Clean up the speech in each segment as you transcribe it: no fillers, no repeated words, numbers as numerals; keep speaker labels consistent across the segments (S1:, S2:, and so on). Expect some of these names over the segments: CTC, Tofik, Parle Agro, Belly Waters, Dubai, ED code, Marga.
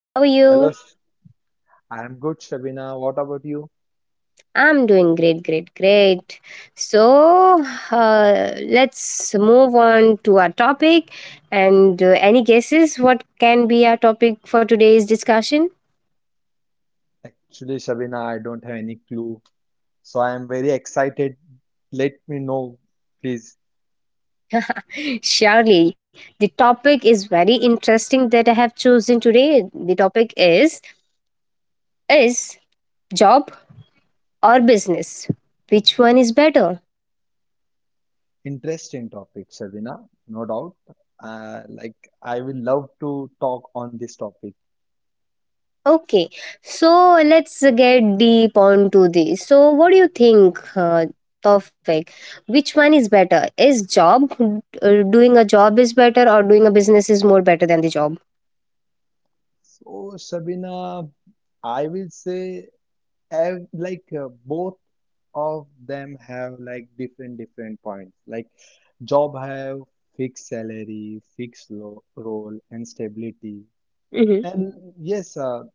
S1: How are
S2: Hello,
S1: you?
S2: I'm good, Shabina. What about you?
S1: I'm doing great, great, great. So, uh, let's move on to our topic. And any guesses what can be our topic for today's discussion?
S2: Actually, Shabina, I don't have any clue, so I am very excited. Let me know, please.
S1: Surely, the topic is very interesting that I have chosen today. The topic is job or business? Which one is better?
S2: Interesting topic, Shabina, no doubt. Like, I will love to talk on this topic.
S1: Okay, so let's get deep onto this. So, what do you think, Tawfiq? Which one is better? Is job doing a job is better, or doing a business is more better than the job?
S2: So, Shabina, I will say, like, both of them have like different points. Like, job have fixed salary, fixed lo role, and stability. And yes,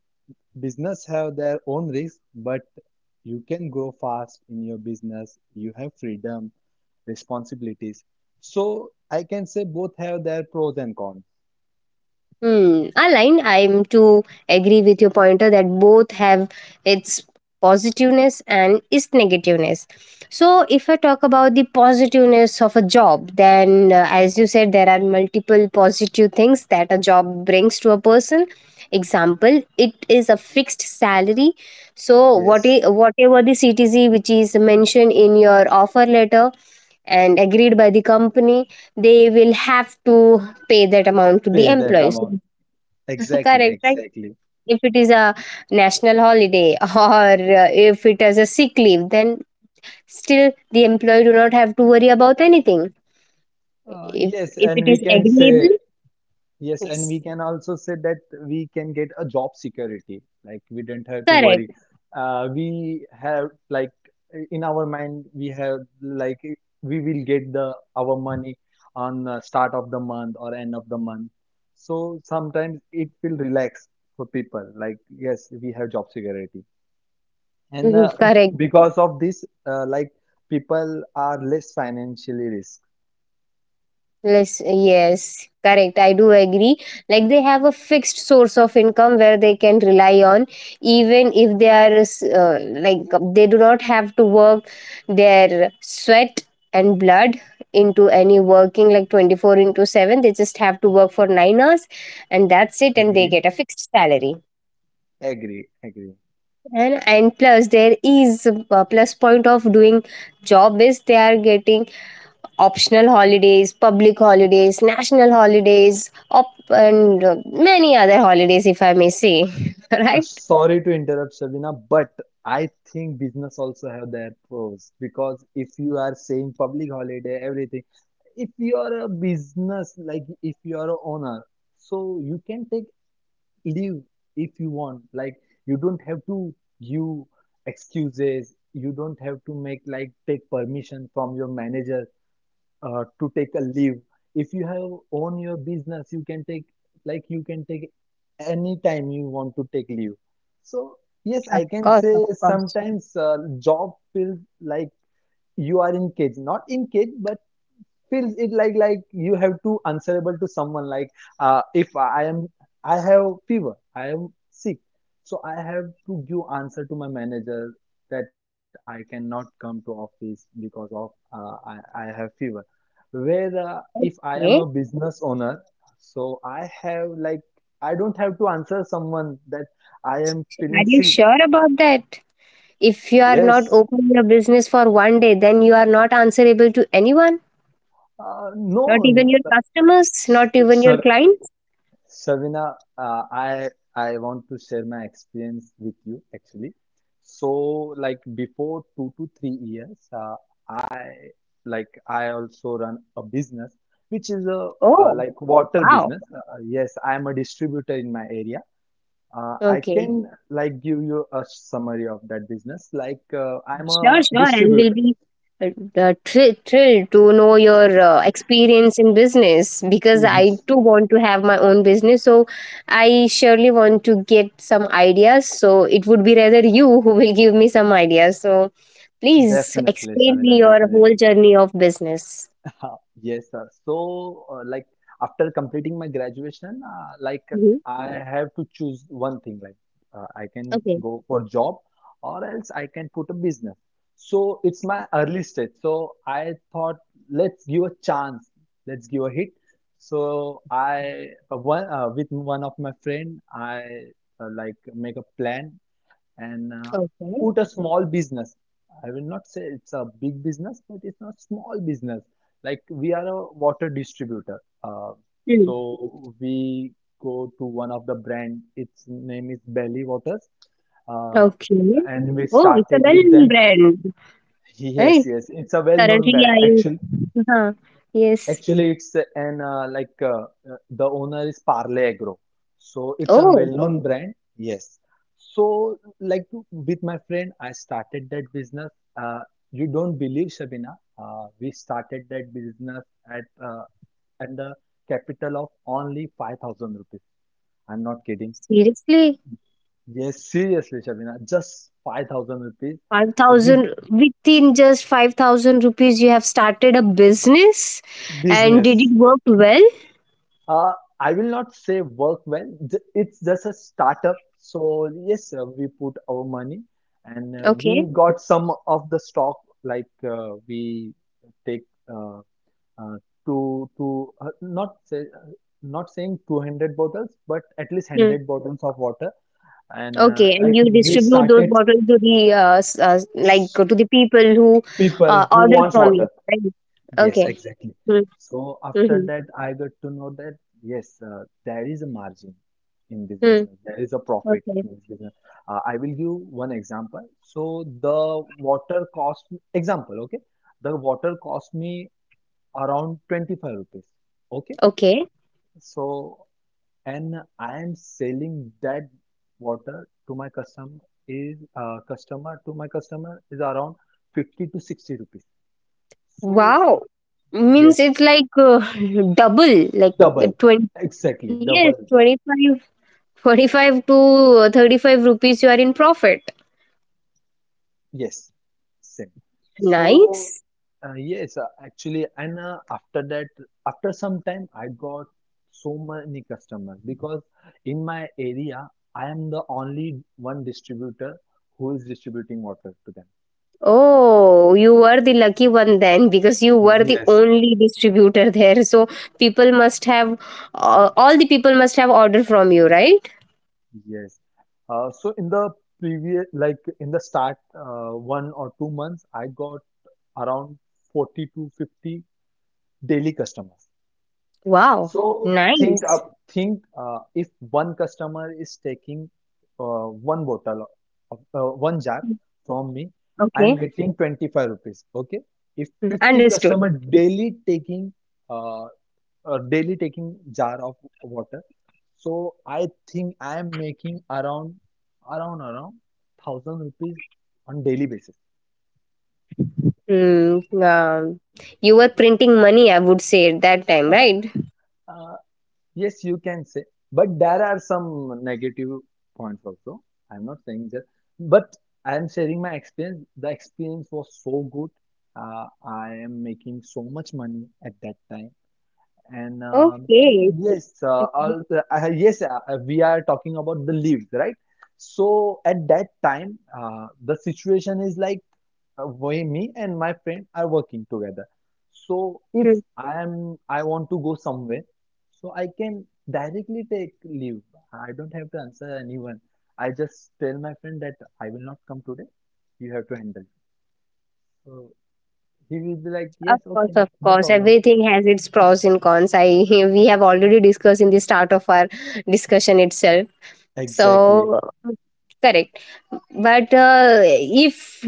S2: business have their own risk, but you can grow fast in your business. You have freedom, responsibilities. So I can say both have their pros and cons.
S1: Hmm, aligned. I'm to agree with your pointer that both have its positiveness and its negativeness. So, if I talk about the positiveness of a job, then as you said, there are multiple positive things that a job brings to a person. Example, it is a fixed salary. So,
S2: Yes,
S1: whatever the CTC which is mentioned in your offer letter and agreed by the company, they will have to pay that amount to the
S2: pay that
S1: employees.
S2: amount. Exactly,
S1: Correct, right?
S2: exactly.
S1: If it is a national holiday or if it is a sick leave, then still the employee do not have to worry about anything. If
S2: Yes,
S1: if
S2: and
S1: it
S2: we
S1: is
S2: can say
S1: agreeable,
S2: yes, and
S1: yes,
S2: we can also say that we can get a job security. Like we don't have to
S1: correct.
S2: worry. We have like in our mind we have like we will get the our money on the start of the month or end of the month. So sometimes it will relax for people. Like yes, we have job security, and
S1: Mhm, correct.
S2: because of this, like people are less financially risk.
S1: Yes, yes, correct. I do agree. Like they have a fixed source of income where they can rely on, even if they are like they do not have to work their sweat and blood into any working like 24 into 7, they just have to work for 9 hours, and that's it, and they
S2: Agree?
S1: get a fixed salary.
S2: Agree, agree.
S1: And plus there is a plus point of doing job is they are getting optional holidays, public holidays, national holidays, and many other holidays, if I may say. Right?
S2: Sorry to interrupt, Sabina, but I think business also have their pros because if you are saying public holiday, everything, if you are a business, like if you are a owner, so you can take leave if you want. Like you don't have to give excuses. You don't have to make like take permission from your manager to take a leave. If you have own your business, you can take like you can take any time you want to take leave. So yes,
S1: Of
S2: I can
S1: course, of
S2: say
S1: course.
S2: sometimes job feels like you are in cage, not in cage, but feels it like you have to answerable to someone like if I am I have fever, I am sick, so I have to give answer to my manager that I cannot come to office because of uh, i I have fever, where if I am
S1: Okay.
S2: a business owner, so I have like I don't have to answer someone that I am
S1: Are
S2: feeling
S1: you
S2: sick.
S1: sure about that? If you are not
S2: Yes,
S1: open your business for one day, then you are not answerable to anyone, not
S2: no,
S1: even your customers, not
S2: s-
S1: even your clients.
S2: Savina, I want to share my experience with you actually. So like before 2 to 3 years, I like I also run a business which is a
S1: Oh,
S2: like water
S1: wow.
S2: business. Yes, I am a distributor in my area. I
S1: Okay.
S2: can like give you a summary of that business. Like I'm
S1: Sure,
S2: a
S1: sure. And we'll
S2: distributor.
S1: be uh, thrilled to know your experience in business because I too want to have my own business. So I surely want to get some ideas. So it would be rather you who will give me some ideas. So please
S2: Definitely,
S1: explain me
S2: Shavina,
S1: your whole
S2: definitely.
S1: journey of business.
S2: Yes, sir. So, like after completing my graduation, like
S1: Hmm.
S2: I have to choose one thing. Like I can
S1: Okay.
S2: go for job, or else I can put a business. So it's my early stage. So I thought, let's give a chance. Let's give a hit. So I one with one of my friend, I, like make a plan and
S1: Okay.
S2: put a small business. I will not say it's a big business, but it's a small business. Like we are a water distributor,
S1: Mm.
S2: so we go to one of the brand. Its name is Belly Waters, uh,
S1: Okay.
S2: and we
S1: Oh, it's a
S2: started with
S1: well
S2: them.
S1: brand,
S2: Yes,
S1: right?
S2: yes, it's a well-known
S1: Currently,
S2: brand.
S1: I.
S2: Actually,
S1: Huh. Yes.
S2: Actually, it's an like the owner is Parle Agro, so it's a
S1: Oh,
S2: well-known, oh, brand. Yes. So, like with my friend, I started that business. Uh, you don't believe, Shabina? We started that business at at the capital of only 5,000 rupees. I'm not kidding.
S1: seriously?
S2: Yes, seriously, Shabina, just 5,000 rupees with
S1: 5,000, within just 5,000 rupees, you have started a business? And did it
S2: business.
S1: work well?
S2: Uh, I will not say work well. It's just a startup. So yes, we put our money and
S1: Okay.
S2: we got some of the stock like we take uh, uh, two not saying 200 bottles but at least
S1: Hmm.
S2: 100 bottles of water and
S1: Okay, and
S2: like
S1: you
S2: we
S1: distribute those
S2: started.
S1: bottles to the like to the people who
S2: People who
S1: order
S2: wants
S1: from you,
S2: water.
S1: right?
S2: Yes,
S1: Okay.
S2: exactly.
S1: Hmm.
S2: So after
S1: Mhm.
S2: that, I got to know that yes, there is a margin in this
S1: Hmm.
S2: business. There is a profit
S1: Okay.
S2: in this business. I will give one example. So the water cost, example, okay? The water cost me around 25 rupees. Okay?
S1: Okay.
S2: So and I am selling that water to my customer is around 50 to 60 rupees. So
S1: Wow. Means
S2: yes.
S1: it's like double, like
S2: Double,
S1: 20.
S2: exactly,
S1: Yes,
S2: double.
S1: 25, twenty-five to 35 rupees. You are in profit.
S2: Yes, same. So,
S1: Nice.
S2: yes, actually, and after that, after some time, I got so many customers because in my area, I am the only one distributor who is distributing water to them.
S1: Oh, you were the lucky one then because you were the
S2: Yes,
S1: only distributor there. So people must have, all the people must have ordered from you, right?
S2: yes. So in the previous, like in the start, 1 or 2 months, I got around 40 to 50 daily customers.
S1: Wow,
S2: So
S1: nice.
S2: think if one customer is taking one bottle of one jar from me, I am
S1: Okay.
S2: getting 25 rupees. Okay. If
S1: Mm,
S2: 50
S1: understood.
S2: customer uh, daily taking jar of water, so I think I am making around 1,000 rupees on daily basis.
S1: Mm, you were printing money, I would say, at that time, right?
S2: Uh, Yes, you can say, but there are some negative points also. I'm not saying that, but I'm sharing my experience. The experience was so good. I am making so much money at that time. And
S1: Okay.
S2: yes,
S1: Okay.
S2: yes, we are talking about the leaves, right? So at that time, the situation is like why me and my friend are working together. So if
S1: Hmm.
S2: I want to go somewhere, so I can directly take leave. I don't have to answer anyone. I just tell my friend that I will not come today. You have to handle. So he will be like,
S1: Of
S2: yes,
S1: course,
S2: okay,
S1: of
S2: no
S1: course.
S2: problem.
S1: Everything has its pros and cons. I we have already discussed in the start of our discussion itself.
S2: Exactly.
S1: So correct. But if,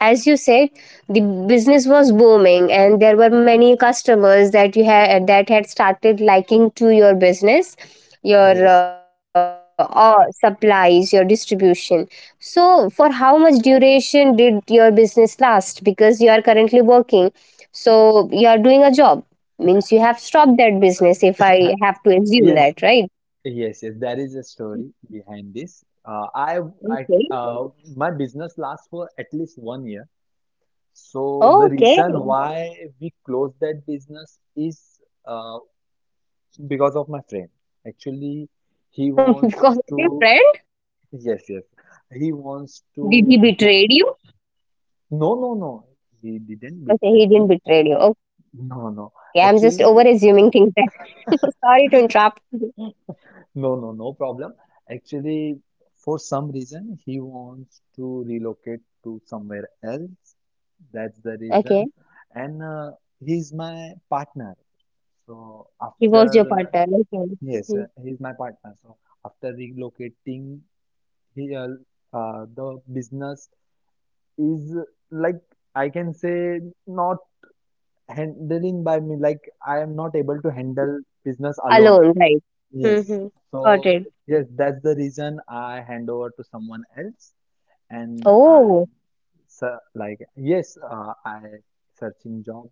S1: as you said, the business was booming and there were many customers that you had that had started liking to your business, your
S2: Yes.
S1: or supplies, your distribution. So, for how much duration did your business last? Because you are currently working, so you are doing a job. Means you have stopped that business. If I have to assume
S2: Yes,
S1: that, right?
S2: yes, yes. There is a story behind this. I,
S1: Okay.
S2: uh, my business lasts for at least one year. So the
S1: Okay.
S2: reason why we closed that business is uh, because of my friend. Actually, he wants
S1: Because of
S2: to,
S1: your friend?
S2: yes, yes, he wants to
S1: Did he
S2: go.
S1: betrayed you?
S2: No, no, no, he didn't
S1: Okay,
S2: betray
S1: he
S2: me.
S1: didn't betray you. Okay, I'm just
S2: No,
S1: over
S2: no,
S1: assuming things
S2: actually,
S1: then. Sorry to interrupt. Mhm.
S2: no, no, no problem. Actually, for some reason, he wants to relocate to somewhere else. That's the
S1: Okay,
S2: reason. And he's my partner. So
S1: he was your
S2: after.
S1: partner. Okay.
S2: Yes,
S1: Hmm.
S2: he's my partner. So after relocating, he the business is like I can say not handling by me. Like I am not able to handle business alone.
S1: Alone, right?
S2: Yes.
S1: Mm-hmm. Got
S2: So
S1: it.
S2: yes, that's the reason I hand over to someone else, and I
S1: Oh,
S2: so like yes, I searching job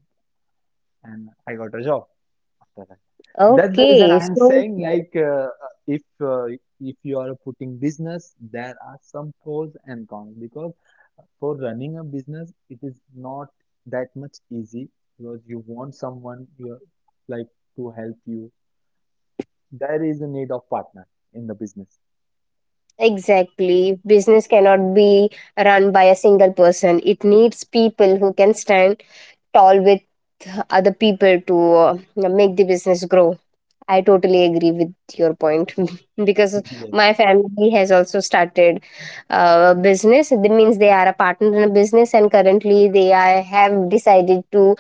S2: and I got a job. Correct. That's the reason
S1: okay.
S2: I am
S1: So
S2: saying like if uh, if you are putting business, there are some pros and cons because for running a business, it is not that much easy because you want someone you like to help you. There is a need of partner in the business.
S1: exactly, business cannot be run by a single person. It needs people who can stand tall with other people to uh, make the business grow. I totally agree with your point because
S2: Yeah.
S1: my family has also started a business. That means they are a partner in a business, and currently have decided to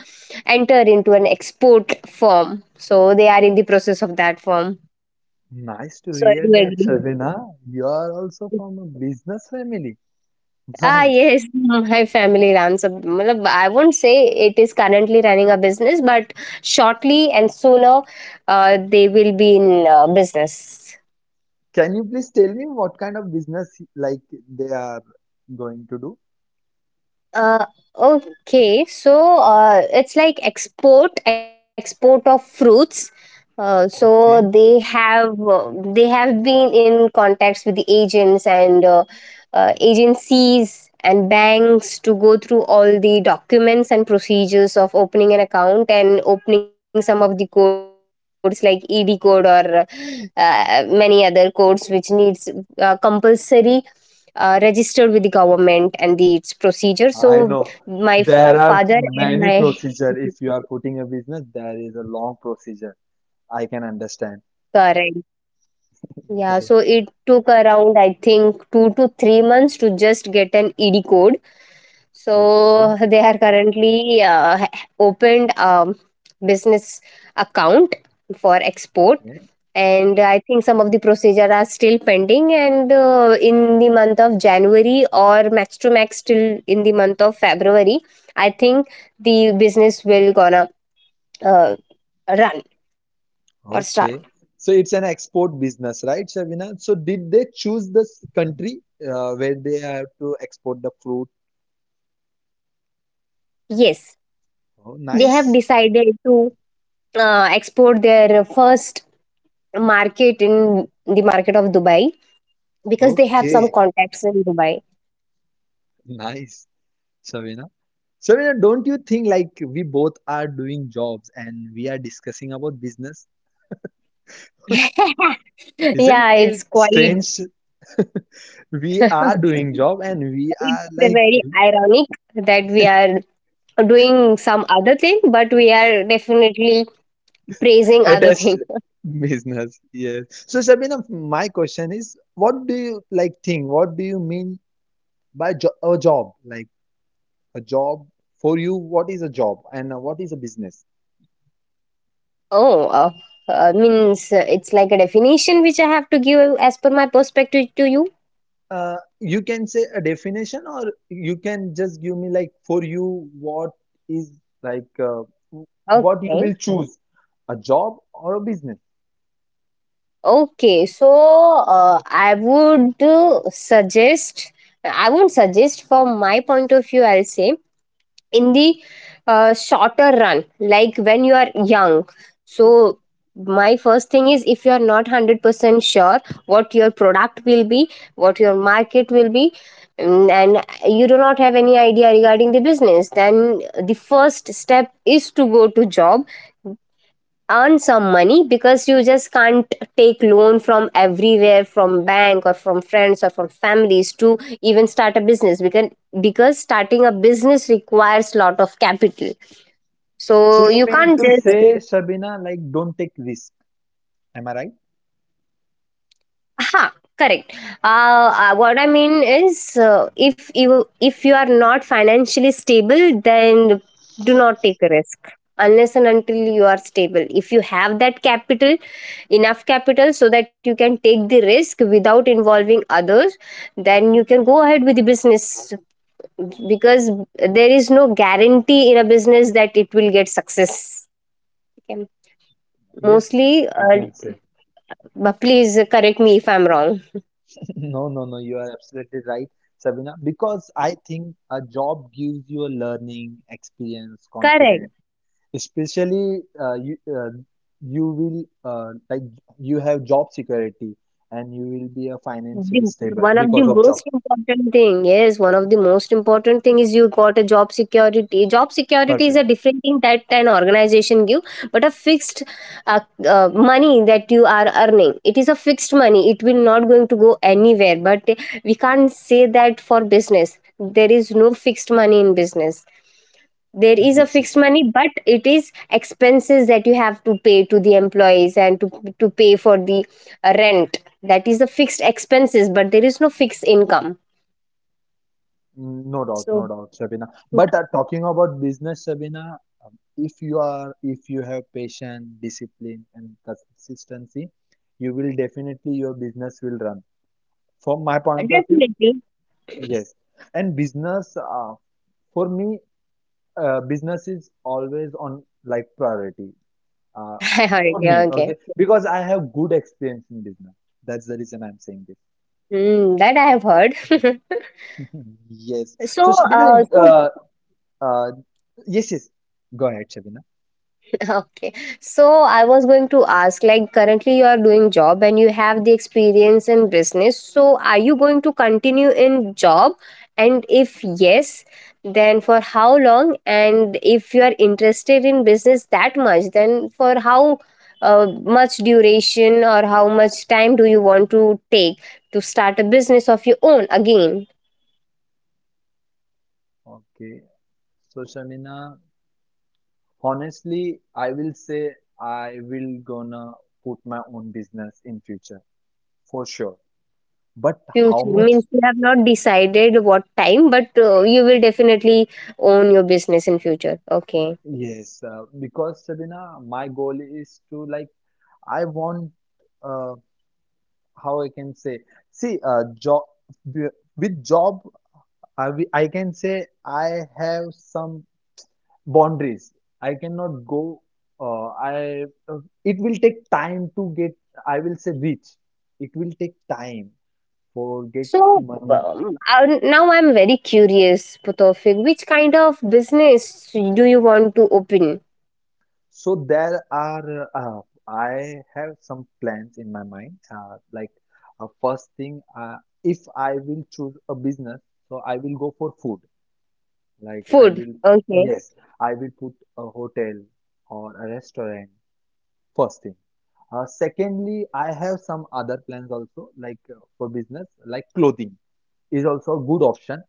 S1: enter into an export firm. So they are in the process of that firm.
S2: Nice to
S1: So I do
S2: hear that,
S1: agree.
S2: Sharvina. You are also from a business family.
S1: Ah,
S2: Nice.
S1: yes, my family runs a. Matlab, I won't say it is currently running a business, but shortly and sooner, they will be in business.
S2: Can you please tell me what kind of business like they are going to do?
S1: Uh, okay, so it's like export export of fruits. So
S2: Okay.
S1: they have been in contacts with the agents and agencies and banks to go through all the documents and procedures of opening an account and opening some of the codes like ED code or many other codes which needs compulsory registered with the government and the its procedure, so
S2: I know
S1: father
S2: there are
S1: and my
S2: many procedure. If you are putting a business, there is a long procedure. I can understand.
S1: current yeah,
S2: Yes.
S1: so it took around I think 2 to 3 months to just get an ED code,
S2: Okay.
S1: so they are currently opened business account for export,
S2: Yeah.
S1: and I think some of the procedure are still pending, and in the month of January or max to max till in the month of February, I think the business will gonna uh, run or start.
S2: Okay. So it's an export business, right, Shabina? So did they choose this country where they have to export the fruit?
S1: Yes,
S2: Oh,
S1: they have
S2: nice.
S1: decided to export their first market in the market of Dubai because they have some
S2: Okay.
S1: contacts in Dubai.
S2: Nice, Shabina. Shabina, don't you think like we both are doing jobs and we are discussing about business? Isn't
S1: Yeah, it's
S2: it
S1: quite
S2: strange we
S1: it's
S2: are doing job and we are like
S1: very ironic that we are doing some other thing, but we are definitely praising other
S2: attached
S1: thing.
S2: business. Yes. So Sabina, my question is, what do you like think, what do you mean by jo a job, like a job for you, what is a job and what is a business?
S1: Oh, means it's like a definition which I have to give as per my perspective to you.
S2: You can say a definition or you can just give me like for you what is like, what you
S1: Okay.
S2: will choose, a job or a business.
S1: Okay, so uh, I would uh, suggest, I would suggest from my point of view, I'll say in the shorter run, like when you are young. So, my first thing is if you are not 100% sure what your product will be, what your market will be, mm, and you do not have any idea regarding the business, then the first step is to go to job, earn some money, because you just can't take loan from everywhere from bank or from friends or from families to even start a business because starting a business requires lot of capital,
S2: So
S1: so
S2: you
S1: you
S2: mean
S1: can't
S2: to
S1: just.
S2: say, Sabina, like, don't take risk, am I right?
S1: Ha, correct. What I mean is, if you are not financially stable, then do not take a risk unless and until you are stable. If you have that capital, enough capital so that you can take the risk without involving others, then you can go ahead with the business because there is no guarantee in a business that it will get success. Okay.
S2: Yes,
S1: Mostly,
S2: we, can say.
S1: but please correct me if I'm wrong.
S2: No, no, no, you are absolutely right, Sabina, because I think a job gives you a learning, experience,
S1: Correct.
S2: confidence. Especially, you will like you have job security and you will be a financially
S1: The
S2: stable
S1: one of the
S2: because of job.
S1: most important thing, yes, one of the most important thing is you got a job security. Job security is
S2: Perfect.
S1: a different thing that an organization give, but a fixed uh, money that you are earning. It is a fixed money. It will not going to go anywhere. But we can't say that for business. There is no fixed money in business, there is a
S2: Yes,
S1: fixed
S2: yes.
S1: money but it is expenses that you have to pay to the employees and to pay for the rent, that is the fixed expenses but there is no fixed income,
S2: Mm, no doubt,
S1: so
S2: no doubt, Shabina. But talking about business, Shabina, if you have patience, discipline, and consistency, you will definitely your business will run. From my point of view,
S1: definitely
S2: yes. And business, uh, for me, business is always on like priority. Uh,
S1: I heard,
S2: for
S1: yeah,
S2: me,
S1: okay.
S2: okay, because I have good experience in business. That's the reason I'm saying this.
S1: Hmm, that I have heard.
S2: Yes. So,
S1: so
S2: Shabina,
S1: uh, so
S2: uh, yes, yes. Go ahead, Shabina.
S1: okay. So I was going to ask, like currently you are doing job and you have the experience in business. So are you going to continue in job? And if yes, then for how long? And if you are interested in business that much, then for how much duration or how much time do you want to take to start a business of your own again?
S2: Okay. So Shamina, honestly, I will say I will gonna put my own business in future for sure. But
S1: Future
S2: how much?
S1: means you have not decided what time, but you will definitely own your business in future. Okay.
S2: Yes, because Shamina, my goal is to like I want, uh, how I can say. See, job with job, I can say I have some boundaries. I cannot go. I It will take time to get, I will say, rich. It will take time for get
S1: So
S2: money.
S1: now I'm very curious, Potofik, which kind of business do you want to open?
S2: So there are I have some plans in my mind, like first thing, if I will choose a business, so I will go for food like I
S1: Food.
S2: will.
S1: Okay.
S2: Yes, I will put a hotel or a restaurant, first thing. Secondly, I have some other plans also, like for business, like clothing is also a good option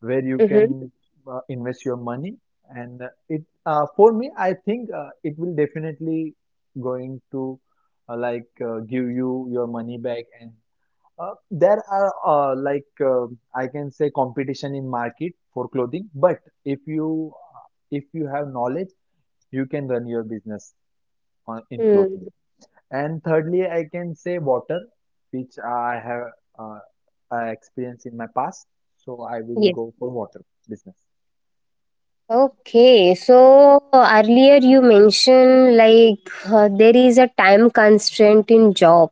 S2: where you
S1: Mm-hmm.
S2: can invest your money. And it for me, I think it will definitely going to like give you your money back. And there are like I can say competition in market for clothing, but if you uh, if you have knowledge, you can run your business on in
S1: Mm,
S2: clothing. And thirdly, I can say water, which I have uh, experience in my past. So I will
S1: yes.
S2: go for water business.
S1: Okay. So earlier you mentioned like there is a time constraint in job.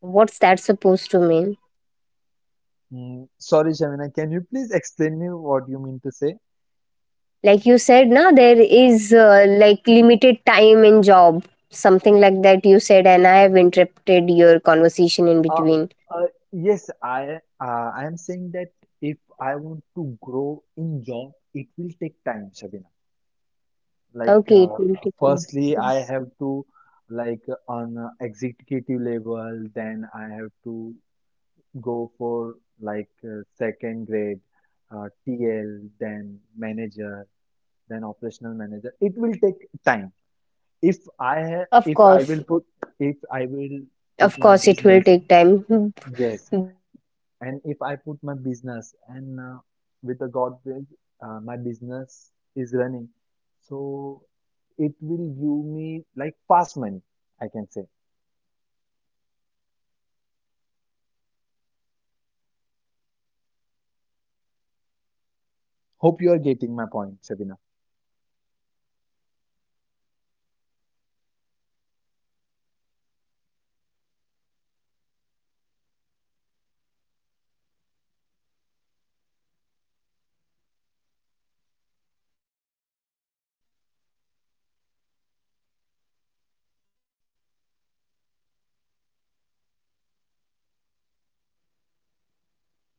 S1: What's that supposed to mean?
S2: Mm, sorry, Shamina, can you please explain me what you mean to say?
S1: Like you said now there is like limited time in job, something like that you said, and I have interrupted your conversation in
S2: Uh,
S1: between.
S2: uh, yes, I am saying that if I want to grow in job, it will take time, Shabina. Like,
S1: Okay, it will take time.
S2: firstly, I have to like on executive level, then I have to go for like second grade, TL, then manager, then operational manager. It will take time. If I ha
S1: Of
S2: if I will
S1: course,
S2: put if I will put
S1: of
S2: my
S1: course it will
S2: business,
S1: take time.
S2: yes.
S1: But
S2: And if I put my
S1: the
S2: business
S1: thing
S2: and
S1: which I have
S2: with
S1: said
S2: the
S1: in
S2: God will,
S1: earlier
S2: my
S1: discussion is if you
S2: business
S1: want to
S2: is
S1: open a
S2: running,
S1: business, you have to be
S2: so
S1: financial
S2: it
S1: stable.
S2: will give me
S1: That's the
S2: like
S1: reason I
S2: fast money,
S1: asked you what
S2: I
S1: type
S2: can
S1: of
S2: say.
S1: business you are interested in, and you said you are interested in food, clothing, and your water distribution or water
S2: Hope you are
S1: supplies.
S2: getting my
S1: So
S2: point,
S1: these
S2: Shabina.
S1: kind of business requires capital. You might have started your business with 5,000 rupees in the past years, but currently if I have to say or if I have to guess, then it is quite difficult to start a business with just 5000 rupees. Am I wrong? Okay.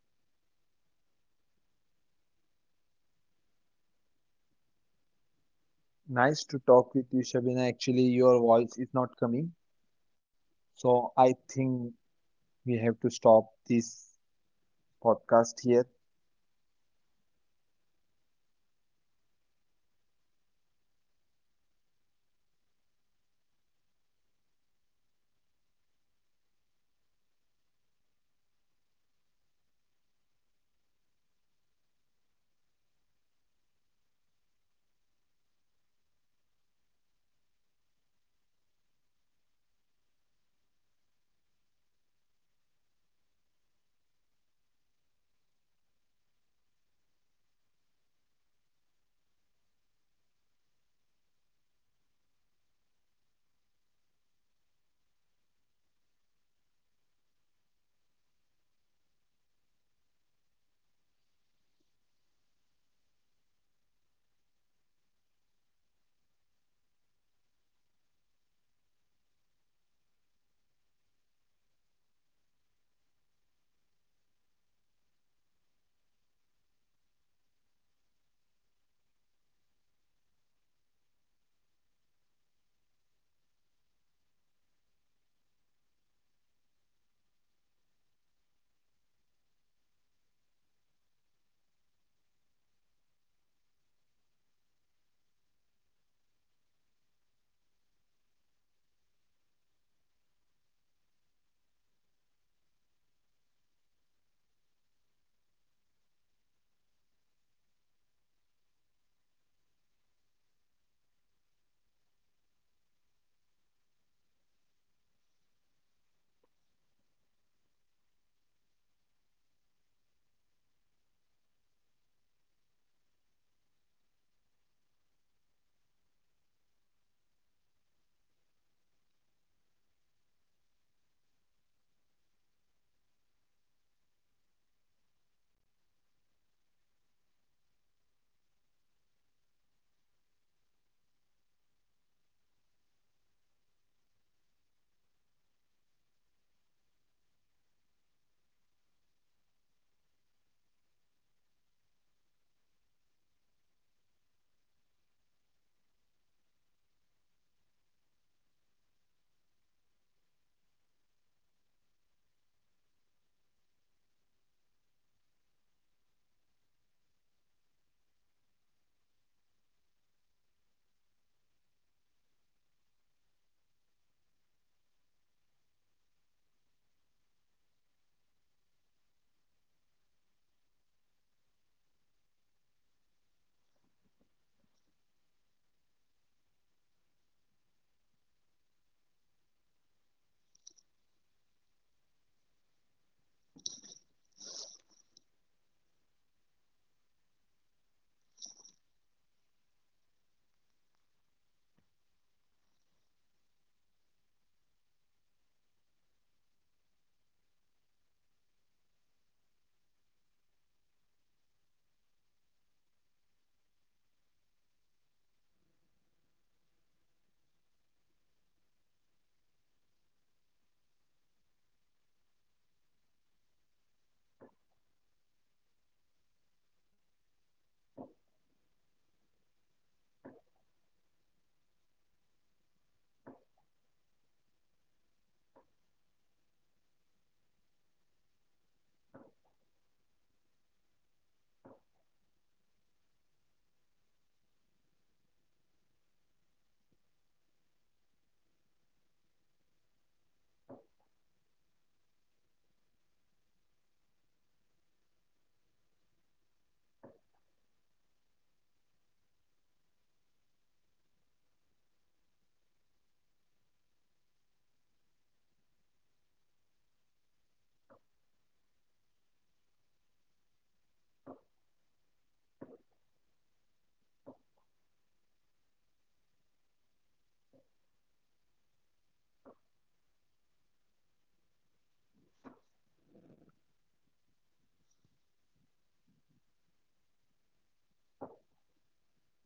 S1: So I think for me business is
S2: Nice to talk with you, Shabina. Actually, your
S1: might be
S2: voice is
S1: it
S2: not
S1: is a
S2: coming.
S1: different perspective of
S2: So I
S1: different
S2: think
S1: people,
S2: we
S1: that
S2: have to
S1: we
S2: stop
S1: all
S2: this
S1: requires
S2: podcast
S1: some
S2: here.
S1: might prefer business and some might prefer um, job. But let's let's come to a point, like both of the factors have its pros and cons. So business has its pros and cons, like we do not have to answer to anyone, we do not have to rely on anyone. Uh, means we have to rely on anyone, but we are not answerable and nothing else. But there is no fixed income which we are going to get in business, but the same goes for salaries, or for same goes for job people. They have the fixed income where they get the salary, and they can uh, w- take leaves, or even seek leaves, and they are not answerable. Just have to inform their superiors that I am sick and I want to leave. So that's it, right? Correct. So these are some of the pros and cons that I wanted to discuss with you. So, Tawfiq, thank you so much for being with me in my podcast. Let's ensure we go to if I in future if I broadcast any other topic, then I'll definitely call you and would request you to join my podcast. Right. Okay, before ending this session, I would just summarize the journey or discussion which we had between us. The first thing is we have discussed your business, that you have started your business with water supply or water distribution, and then afterward you have joined office, means a corporate office, where you have started earning and you have to leave your business just because your partner was going to relocate to other business, sorry, other places, right? So when you have started doing job, then you have realized that yes, I have to earn income first, I have to become financially stable first, and then I can start my own business, thinking about that, right? So currently you're doing a job, and you are getting salary from a fixed salary from your organization. And yes, you are answerable to your supervisors, because it is the duty of the employees to inform their supervisors if they are not reporting to the office. So I think it is a mandatory requirement of a job. And that's it. And we have discussed all the pros and cons of a business, how it should be, what are the disadvantages and disadvantages of both the factors. And when I asked you which one is better, so you have said business is better than the job. So okay, I assume or I prefer ki it might be the correct answer, as you are the one who is suggesting it. So I am happy with currently my job profile, because I am getting a stable salary where I earn. And where I do not have to worry about any profit, any losses, any customers' complaints, or any clients' complaints to deal with. I'm just doing my job. Yes, we have some burdens in companies, but it is a requirement. If we, if we are getting paid, then we have to deal with some of the stress. So that is the basic requirement of any organization, they expect from their employees. Correct. So that's what I'm also doing, and I agree with both of our pointers, me with job, and you with business. So that's it. Let's stop our discussion here. And as I said, in future, if I broadcast any topic, I'll definitely invite invite you, and please be available in my podcast. Okay, Tawfiq. Thank you so much for being uh,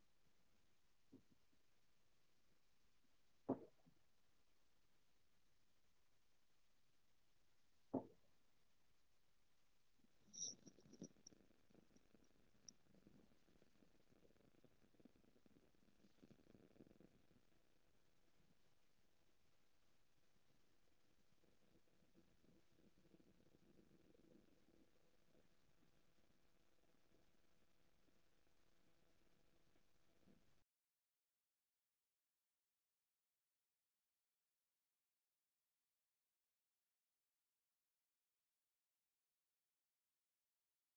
S1: uh, co host in this conversation. Thank you so much.